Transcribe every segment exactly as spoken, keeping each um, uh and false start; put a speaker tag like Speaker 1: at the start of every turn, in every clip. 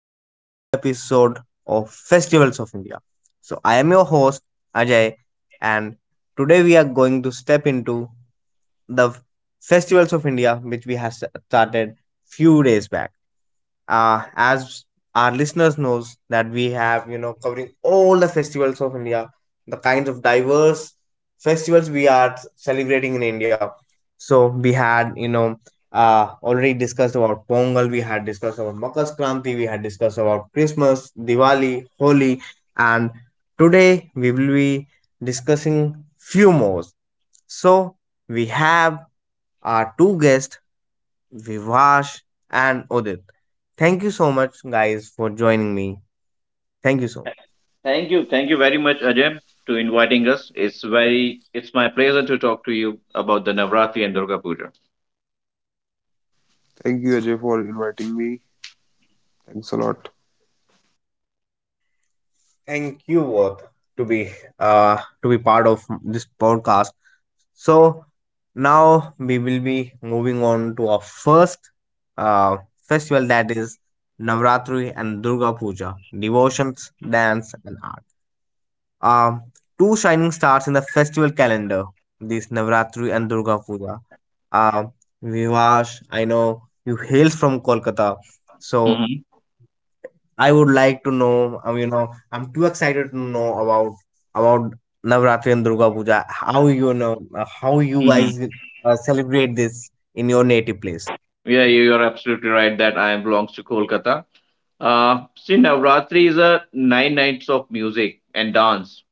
Speaker 1: This is the third episode of Festivals of India. So I am your host Ajay and today we are going to step into the Festivals of India which we have started few days back, uh, as our listeners knows that we have you know covering all the festivals of india, the kinds of diverse festivals we are celebrating in india. So we had you know, uh, already discussed about pongal, we had discussed about makar Sankranti, we had discussed about christmas, diwali, holi, and today we will be discussing few more. So we have our two guests, Vivash and Udit. Thank you so much, guys, for joining me. Thank you so much.
Speaker 2: Thank you. Thank you very much, Ajay, to inviting us. It's very it's my pleasure to talk to you about the Navratri and Durga Puja.
Speaker 3: Thank you, Ajay, for inviting me. Thanks a lot.
Speaker 1: Thank you both to be uh to be part of this podcast. So now we will be moving on to our first uh festival, that is Navratri and Durga Puja, devotions, dance, and art. um, Two shining stars in the festival calendar, this Navratri and Durga Puja. Um, Vivash, I know you hails from Kolkata, so
Speaker 2: Mm-hmm.
Speaker 1: I would like to know. Um, you know, I'm too excited to know about about Navratri and Durga Puja. How you know, uh, how you
Speaker 2: Mm-hmm.
Speaker 1: guys uh, celebrate this in your native place?
Speaker 2: Yeah, you, you are absolutely right that I belongs to Kolkata. Uh, see, Navratri is a nine nights of music and dance,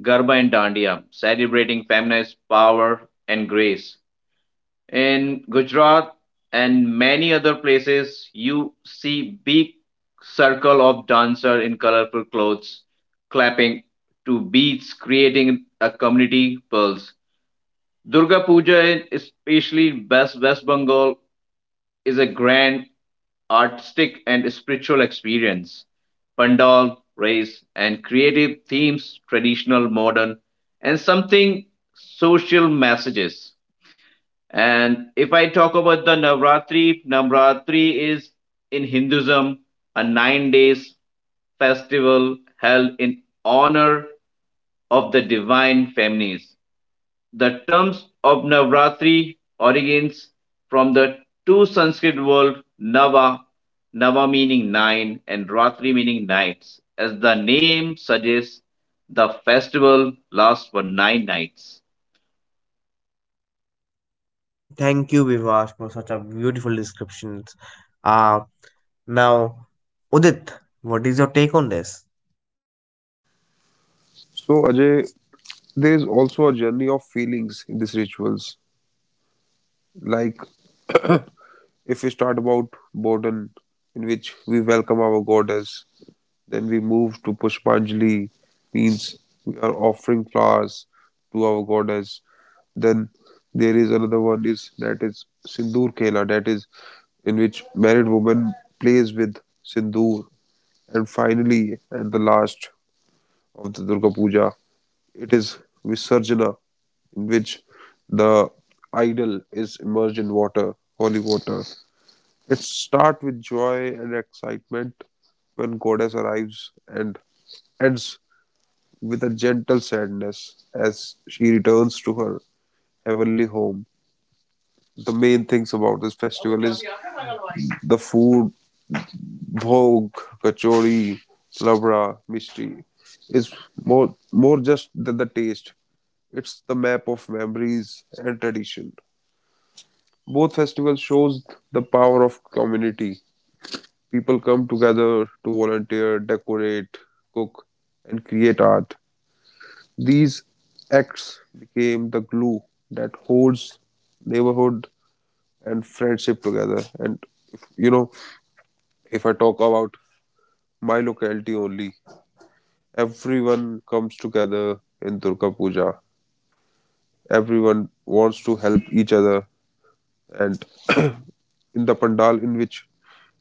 Speaker 2: Garba and Dandiya, celebrating feminist power and grace. In Gujarat and many other places, you see big circle of dancer in colorful clothes, clapping to beats, creating a community pulse. Durga Puja, in especially West, West Bengal, is a grand artistic and spiritual experience. Pandal, race, and creative themes, traditional, modern, and something social messages. And if I talk about the Navratri, Navratri is in Hinduism a nine days festival held in honor of the divine feminines. The terms of Navratri origins from the two Sanskrit words Nava, Nava meaning nine and Ratri meaning nights. As the name suggests, the festival lasts for nine nights.
Speaker 1: Thank you, Vivash, for such a beautiful description. Uh, Now, Udit, what is your take on this?
Speaker 3: So, Ajay, there is also a journey of feelings in these rituals. Like, if we start about Bodhan, in which we welcome our goddess, then we move to Pushpanjali, means we are offering flowers to our goddess. Then there is another one is that is Sindoor Khela, that is in which married woman plays with Sindoor. And finally, at the last of the Durga Puja, it is Visarjana, in which the idol is immersed in water, holy water. It starts with joy and excitement when goddess arrives and ends with a gentle sadness as she returns to her heavenly home. The main things about this festival is the food, bhog, kachori, labra, mishti is more more just than the taste. It's the map of memories and tradition. Both festivals shows the power of community. People come together to volunteer, decorate, cook, and create art. These acts became the glue that holds neighborhood and friendship together. And if, you know, if I talk about my locality only, everyone comes together in Durga Puja. Everyone wants to help each other, and in the pandal in which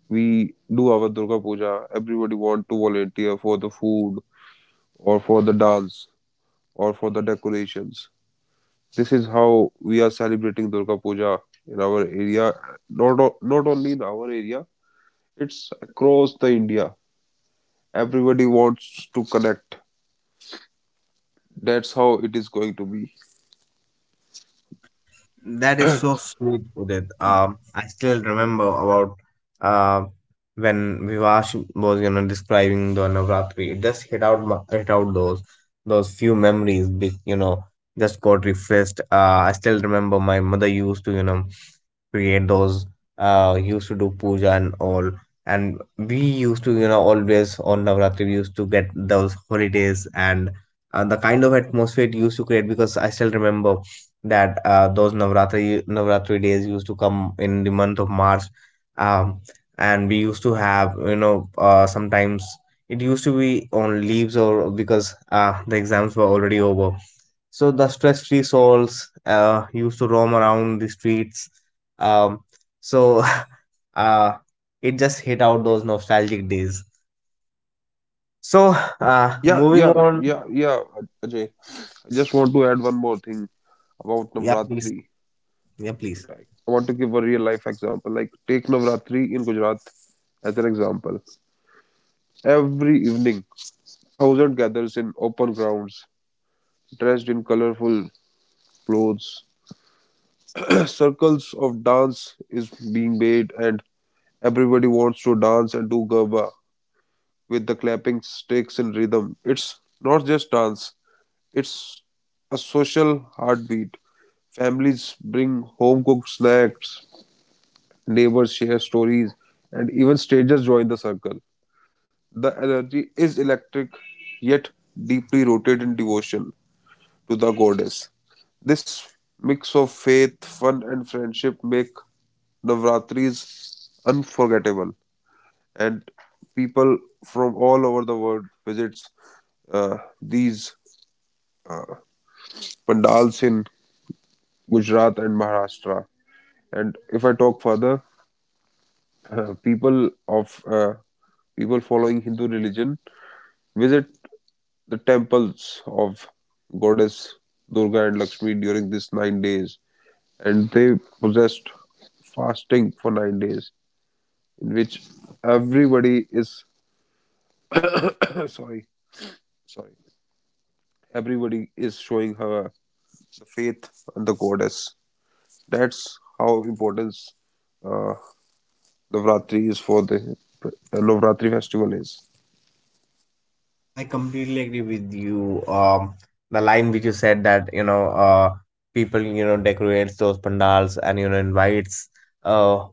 Speaker 3: we do our Durga Puja. Everybody want to volunteer for the food or for the dance or for the decorations. This is how we are celebrating Durga Puja in our area. Not o- not only in our area, it's across the India. Everybody wants to connect. That's how it is going to be.
Speaker 1: That is so sweet, Udit. Um, I still remember about, uh, when Vivash was, you know, describing the Navratri. It just hit out, my- hit out those those few memories, be- you know, just got refreshed. Uh, I still remember my mother used to, you know, create those uh used to do puja and all, and we used to you know always on navratri we used to get those holidays, and uh, the kind of atmosphere it used to create, because I still remember that, uh, those navratri navratri days used to come in the month of march. um and we used to have you know, uh, sometimes it used to be on leaves, or because uh, the exams were already over, so the stress-free souls uh, used to roam around the streets. Um, so uh, it just hit out those nostalgic days. So, uh,
Speaker 3: Yeah,
Speaker 1: moving
Speaker 3: yeah,
Speaker 1: on,
Speaker 3: yeah, yeah. Ajay, I just want to add one more thing about
Speaker 1: yeah, please,
Speaker 3: Navratri.
Speaker 1: yeah, please.
Speaker 3: Right. I want to give a real life example. Like take Navratri in Gujarat as an example. Every evening, thousand gathers in open grounds, dressed in colorful clothes. Circles of dance is being made, and everybody wants to dance and do garba with the clapping sticks in rhythm. It's not just dance; it's a social heartbeat. Families bring home cooked snacks, neighbors share stories, and even strangers join the circle. The energy is electric yet deeply rooted in devotion to the goddess. This mix of faith, fun, and friendship make Navratris unforgettable, and people from all over the world visits uh, these pandals in Gujarat and Maharashtra. And if I talk further, uh, people of uh, people following Hindu religion visit the temples of goddess Durga and Lakshmi during these nine days, and they possessed fasting for nine days, in which everybody is sorry, sorry, everybody is showing her the faith and the goddess. That's how important uh, Navratri is for the uh, Navratri festival is.
Speaker 1: I completely agree with you. Um, the line which you said that you know, uh, people you know decorates those pandals and you know invites uh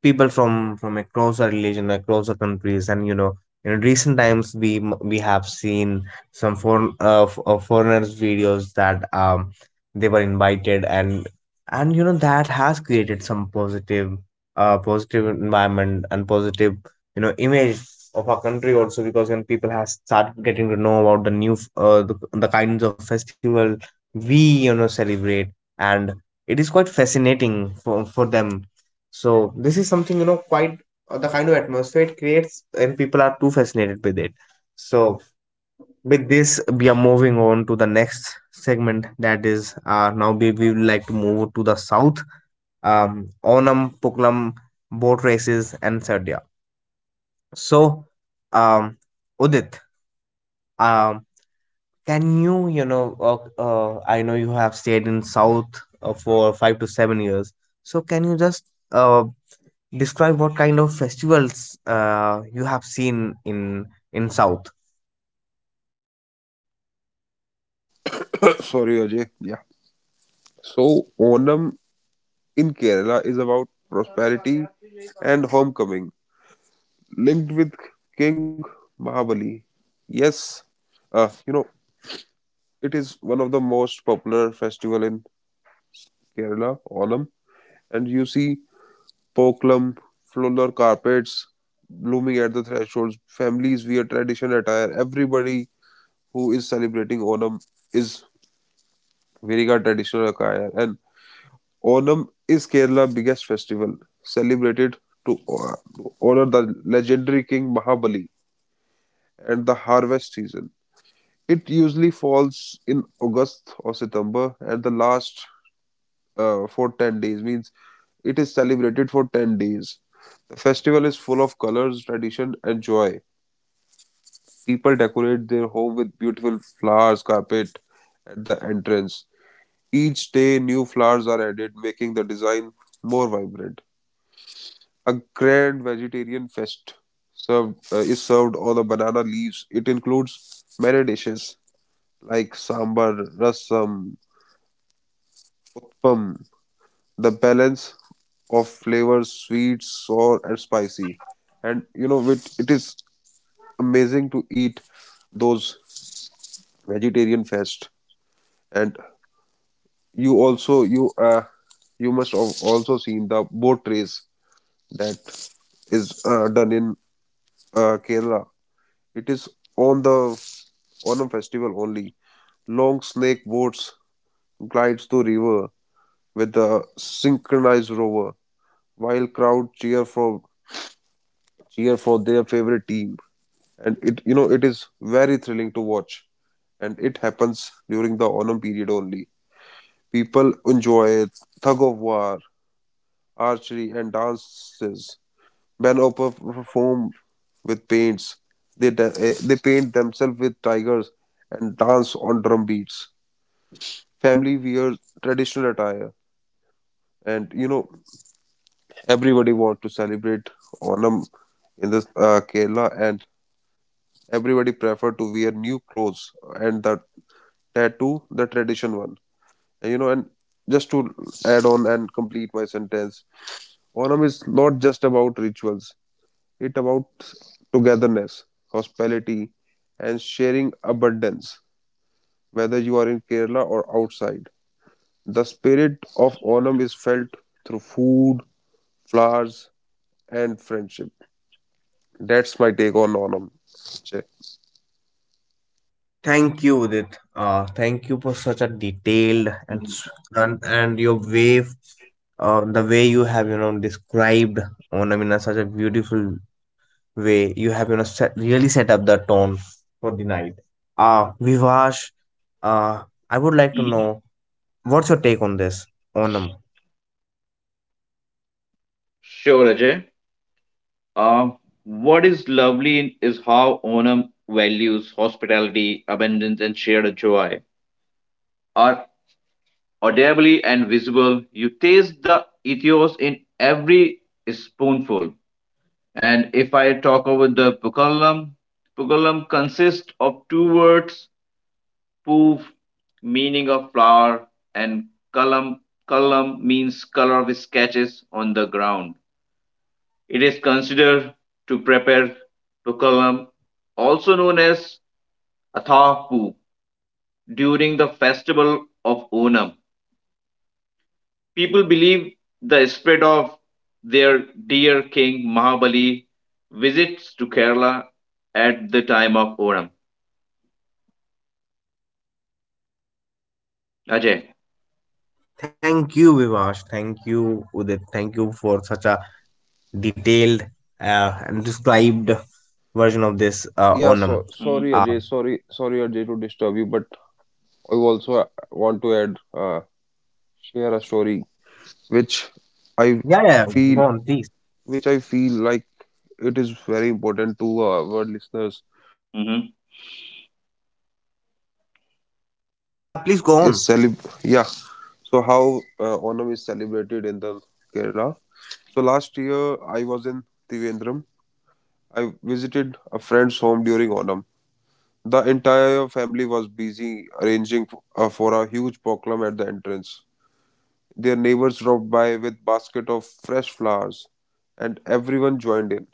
Speaker 1: people from from across our religion, across our countries, and you know in recent times we m- we have seen some foreign uh, f- uh, foreigners videos, that um they were invited, and and you know that has created some positive, uh positive environment and positive you know image of our country also, because when people have started getting to know about the new f- uh, the, the kinds of festival we you know celebrate, and it is quite fascinating for for them. So this is something you know quite, uh, the kind of atmosphere it creates, and people are too fascinated with it. So with this, we are moving on to the next segment. That is, uh, now we we would like to move to the south. Um, Onam, Pukalam, boat races, and Sadia. So, um, Udit, um, can you you know uh, uh, I know you have stayed in south uh, for five to seven years. So can you just uh, describe what kind of festivals uh, you have seen in in South.
Speaker 3: Sorry, Ajay. Yeah. So, Onam in Kerala is about prosperity and homecoming, linked with King Mahabali. Yes, uh, you know, it is one of the most popular festival in Kerala, Onam. And you see Pokalam, floral carpets blooming at the thresholds, families wear traditional attire. Everybody who is celebrating Onam is wearing a traditional attire. And Onam is Kerala's biggest festival, celebrated to uh, to honor the legendary King Mahabali and the harvest season. It usually falls in August or September, and the last uh, for ten days means it is celebrated for ten days. The festival is full of colors, tradition, and joy. People decorate their home with beautiful flowers, carpet at the entrance. Each day, new flowers are added, making the design more vibrant. A grand vegetarian fest served, uh, is served on the banana leaves. It includes many dishes like sambar, rasam, utpam, the balance of flavors, sweet, sour, and spicy. And you know, it, it is amazing to eat those vegetarian fest. And you also you uh, you must have also seen the boat race that is uh, done in uh, Kerala. It is on the Onam festival only. Long snake boats glide through river with a synchronized rover, while crowd cheer for cheer for their favorite team. And it you know it is very thrilling to watch. And it happens during the Onam period only. People enjoy tug of war, archery, and dances. Men also perform with paints. They da- eh, they paint themselves with tigers and dance on drum beats. Family wear traditional attire and you know everybody want to celebrate onam in this uh, Kerala and everybody prefer to wear new clothes and the tattoo the tradition one and you know and just to add on and complete my sentence onam is not just about rituals it about togetherness hospitality and sharing abundance whether you are in Kerala or outside the spirit of onam is felt through food flowers, and friendship. That's my take on Onam. Jay.
Speaker 1: Thank you, Udit. Uh, thank you for such a detailed and
Speaker 2: Mhm.
Speaker 1: s- and, and your way, uh, the way you have you know described Onam in a such a beautiful way. You have you know set, really set up the tone for the night. Uh, Vivash, uh, I would like to
Speaker 2: Mhm.
Speaker 1: know what's your take on this Onam.
Speaker 2: Sure, Ajay. Uh, what is lovely is how Onam values hospitality, abundance, and shared joy are audibly and visible. You taste the ethos in every spoonful. And if I talk about the pukalam, pukalam consists of two words, poof, meaning of flower, and kalam, kalam means color of sketches on the ground. It is considered to prepare Pukalam, also known as Atharpu, during the festival of Onam. People believe the spirit of their dear king Mahabali visits to Kerala at the time of Onam. Ajay.
Speaker 1: Thank you, Vivash. Thank you, Udit. Thank you for such a detailed, uh, and described version of this
Speaker 3: Yeah,
Speaker 1: uh,
Speaker 3: so
Speaker 1: Onam.
Speaker 3: sorry
Speaker 2: Mm-hmm.
Speaker 3: Ajay,
Speaker 1: Uh,
Speaker 3: sorry, sorry Ajay to disturb you, but I also want to add, uh, share a story which
Speaker 1: yeah,
Speaker 3: I
Speaker 1: yeah, go
Speaker 3: feel,
Speaker 1: on, please.
Speaker 3: which I feel like it is very important to uh, our listeners
Speaker 2: Mm-hmm.
Speaker 1: Yeah, please go
Speaker 3: is
Speaker 1: on.
Speaker 3: celeb yeah so how uh, onam is celebrated in the Kerala. So last year I was in Trivandrum. I visited a friend's home during Onam. The entire family was busy arranging f- uh, for a huge proclam at the entrance. Their neighbors dropped by with basket of fresh flowers and everyone joined in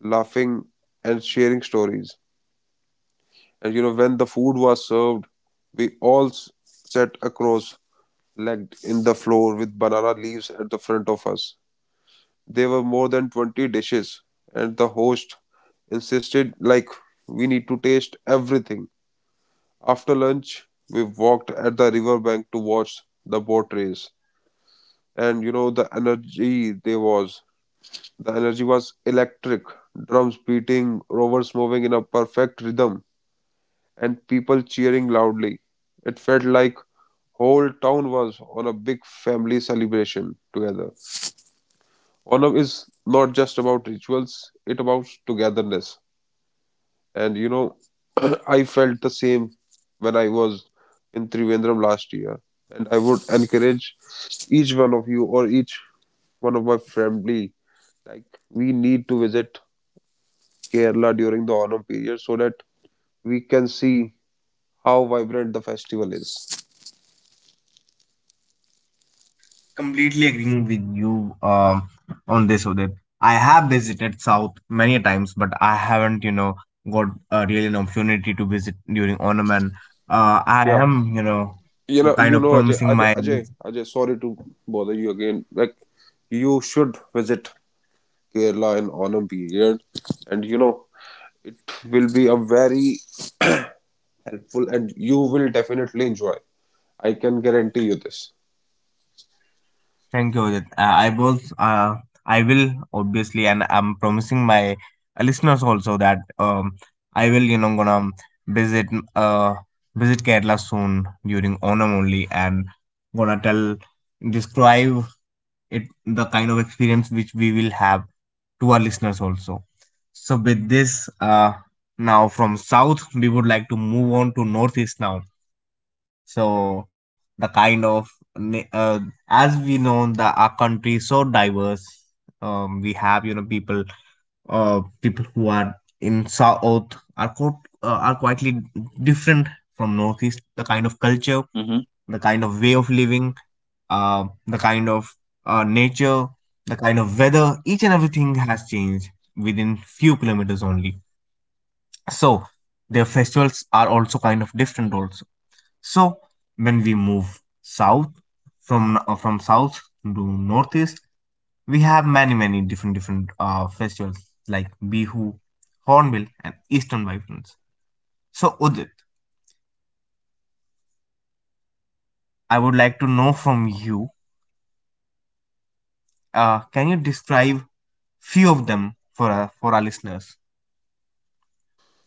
Speaker 3: laughing and sharing stories. And you know, when the food was served, we all s- sat across legged in the floor with banana leaves at the front of us. There were more than twenty dishes, and the host insisted, like, we need to taste everything. After lunch, we walked at the riverbank to watch the boat race. And you know, the energy there was. The energy was electric, drums beating, rovers moving in a perfect rhythm, and people cheering loudly. It felt like whole town was on a big family celebration together. Onam is not just about rituals, it about togetherness. And you know, I felt the same when I was in Trivandrum last year. And I would encourage each one of you or each one of my family, like we need to visit Kerala during the Onam period so that we can see how vibrant the festival is.
Speaker 1: Completely agreeing with you um, on this, Udit. I have visited South many a times, but I haven't, you know, got uh, really an opportunity to visit during Onam, and uh, I
Speaker 3: Yeah.
Speaker 1: am, you know,
Speaker 3: You know, you
Speaker 1: kind of
Speaker 3: know, Ajay,
Speaker 1: promising
Speaker 3: Ajay,
Speaker 1: my
Speaker 3: Ajay, Ajay, sorry to bother you again. Like, you should visit Kerala and Onam period, and you know, will be a very helpful and you will definitely enjoy. I can guarantee you this.
Speaker 1: Thank you. Rajat. Uh, I was, uh, I will obviously, and I'm promising my listeners also that um, I will, you know, gonna visit, uh, visit Kerala soon during Onam only, and gonna tell, describe it, the kind of experience which we will have to our listeners also. So with this, uh, now from South, we would like to move on to Northeast now. So the kind of na- uh, as we know that our country is so diverse. Um, we have you know people, uh, people who are in south are quite, uh, are quietly different from northeast. The kind of culture,
Speaker 2: Mm-hmm.
Speaker 1: the kind of way of living, uh, the kind of uh, nature, the kind of weather, each and everything has changed within few kilometers only. So their festivals are also kind of different also. So when we move south from uh, from south to northeast, we have many many different different uh, festivals like Bihu, Hornbill, and Eastern Vibrance. So Udit, I would like to know from you. Uh, can you describe few of them for uh, for our listeners?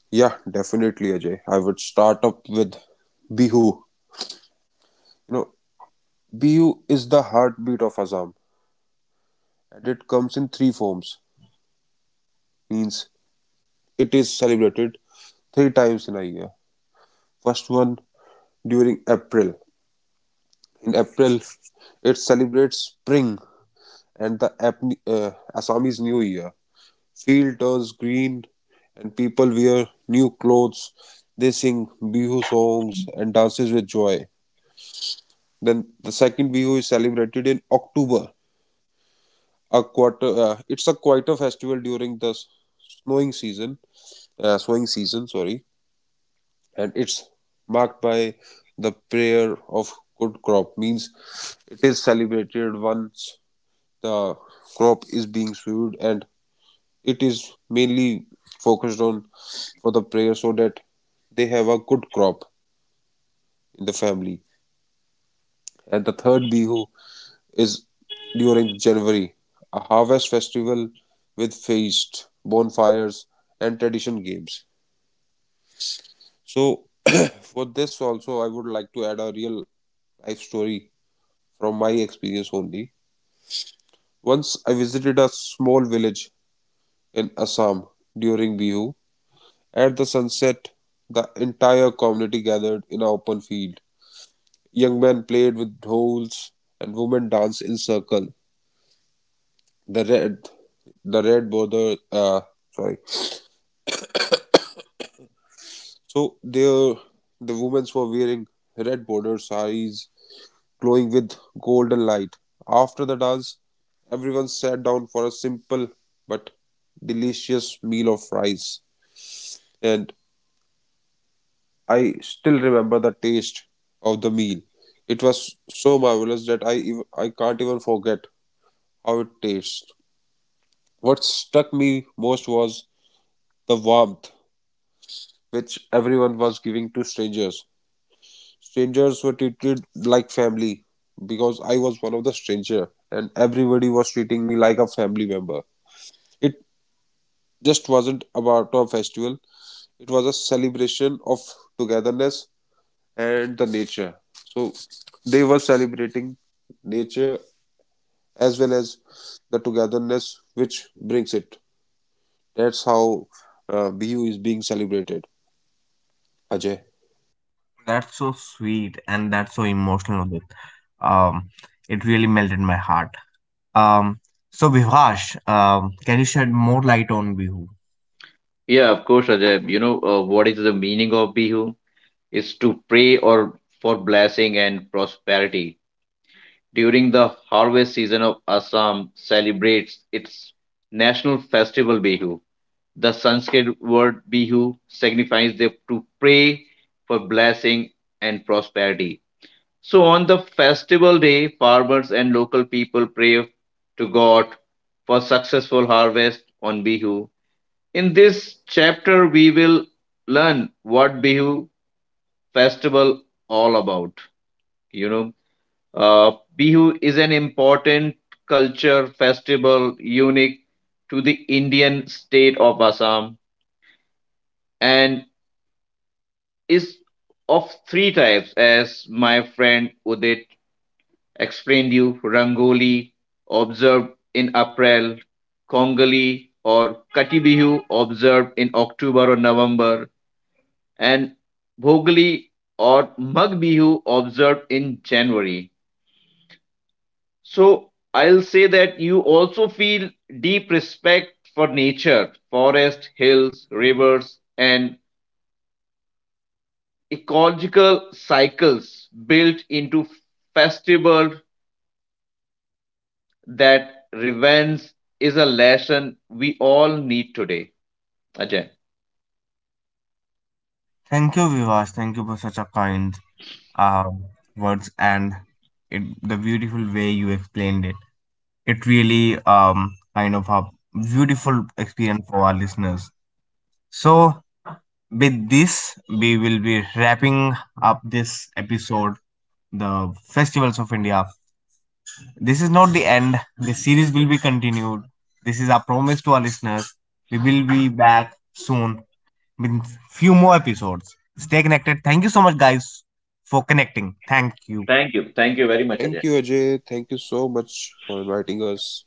Speaker 3: Yeah, definitely, Ajay. I would start up with Bihu. You know, Bihu is the heartbeat of Assam, and it comes in three forms. Means it is celebrated three times in a year. First one during April. In April, it celebrates spring and the Ap- uh, Assamese New Year. Field turns green and people wear new clothes. They sing Bihu songs and dances with joy. Then the second Bihu is celebrated in October. A quarter, uh, it's a quieter festival during the snowing season, uh, sowing season, sorry, and it's marked by the prayer of good crop. Means it is celebrated once the crop is being sowed and it is mainly focused on for the prayer so that they have a good crop in the family. And the third Bihu is during January, a harvest festival with feast, bonfires, and tradition games. So, for this also, I would like to add a real life story from my experience only. Once I visited a small village in Assam during Bihu. At the sunset, the entire community gathered in an open field. Young men played with dolls and women danced in circle. The red, the red border, uh, sorry. So there, the women were wearing red bordered saris glowing with golden light. After the dance, everyone sat down for a simple but delicious meal of rice. And I still remember the taste of the meal. It was so marvelous that I ev- I can't even forget how it tastes. What struck me most was the warmth which everyone was giving to strangers. Strangers were treated like family because I was one of the stranger and everybody was treating me like a family member. It just wasn't about a festival. It was a celebration of togetherness and the nature. So they were celebrating nature as well as the togetherness which brings it. That's how uh, Bihu is being celebrated. Ajay.
Speaker 1: That's so sweet and that's so emotional, Udit. Um, it really melted my heart. Um, so Vivash, um, can you shed more light on Bihu?
Speaker 2: Yeah, of course, Ajay. You know, uh, what is the meaning of Bihu? Is to pray or for blessing and prosperity. During the harvest season of Assam celebrates its national festival Bihu. The Sanskrit word Bihu signifies the, to pray for blessing and prosperity. So on the festival day, farmers and local people pray to God for successful harvest on Bihu. In this chapter, we will learn what Bihu festival all about. You know, uh, Bihu is an important culture festival unique to the Indian state of Assam and is of three types, as my friend Udit explained you Rangoli, observed in April, Kongali or Kati Bihu, observed in October or November, and Bhogali or Mag Bihu, observed in January. So I'll say that you also feel deep respect for nature, forest, hills, rivers, and ecological cycles built into festival that revenge is a lesson we all need today. Ajay.
Speaker 1: Thank you, Vivash. Thank you for such a kind uh, words and it, the beautiful way you explained it. It really um, kind of a beautiful experience for our listeners. So, with this, we will be wrapping up this episode, the Festivals of India. This is not the end. The series will be continued. This is our promise to our listeners. We will be back soon been few more episodes. Stay connected. Thank you so much, guys, for connecting. Thank you.
Speaker 2: Thank you. Thank you very much,
Speaker 3: Thank you,
Speaker 2: Ajay.
Speaker 3: Ajay. Thank you so much for inviting us.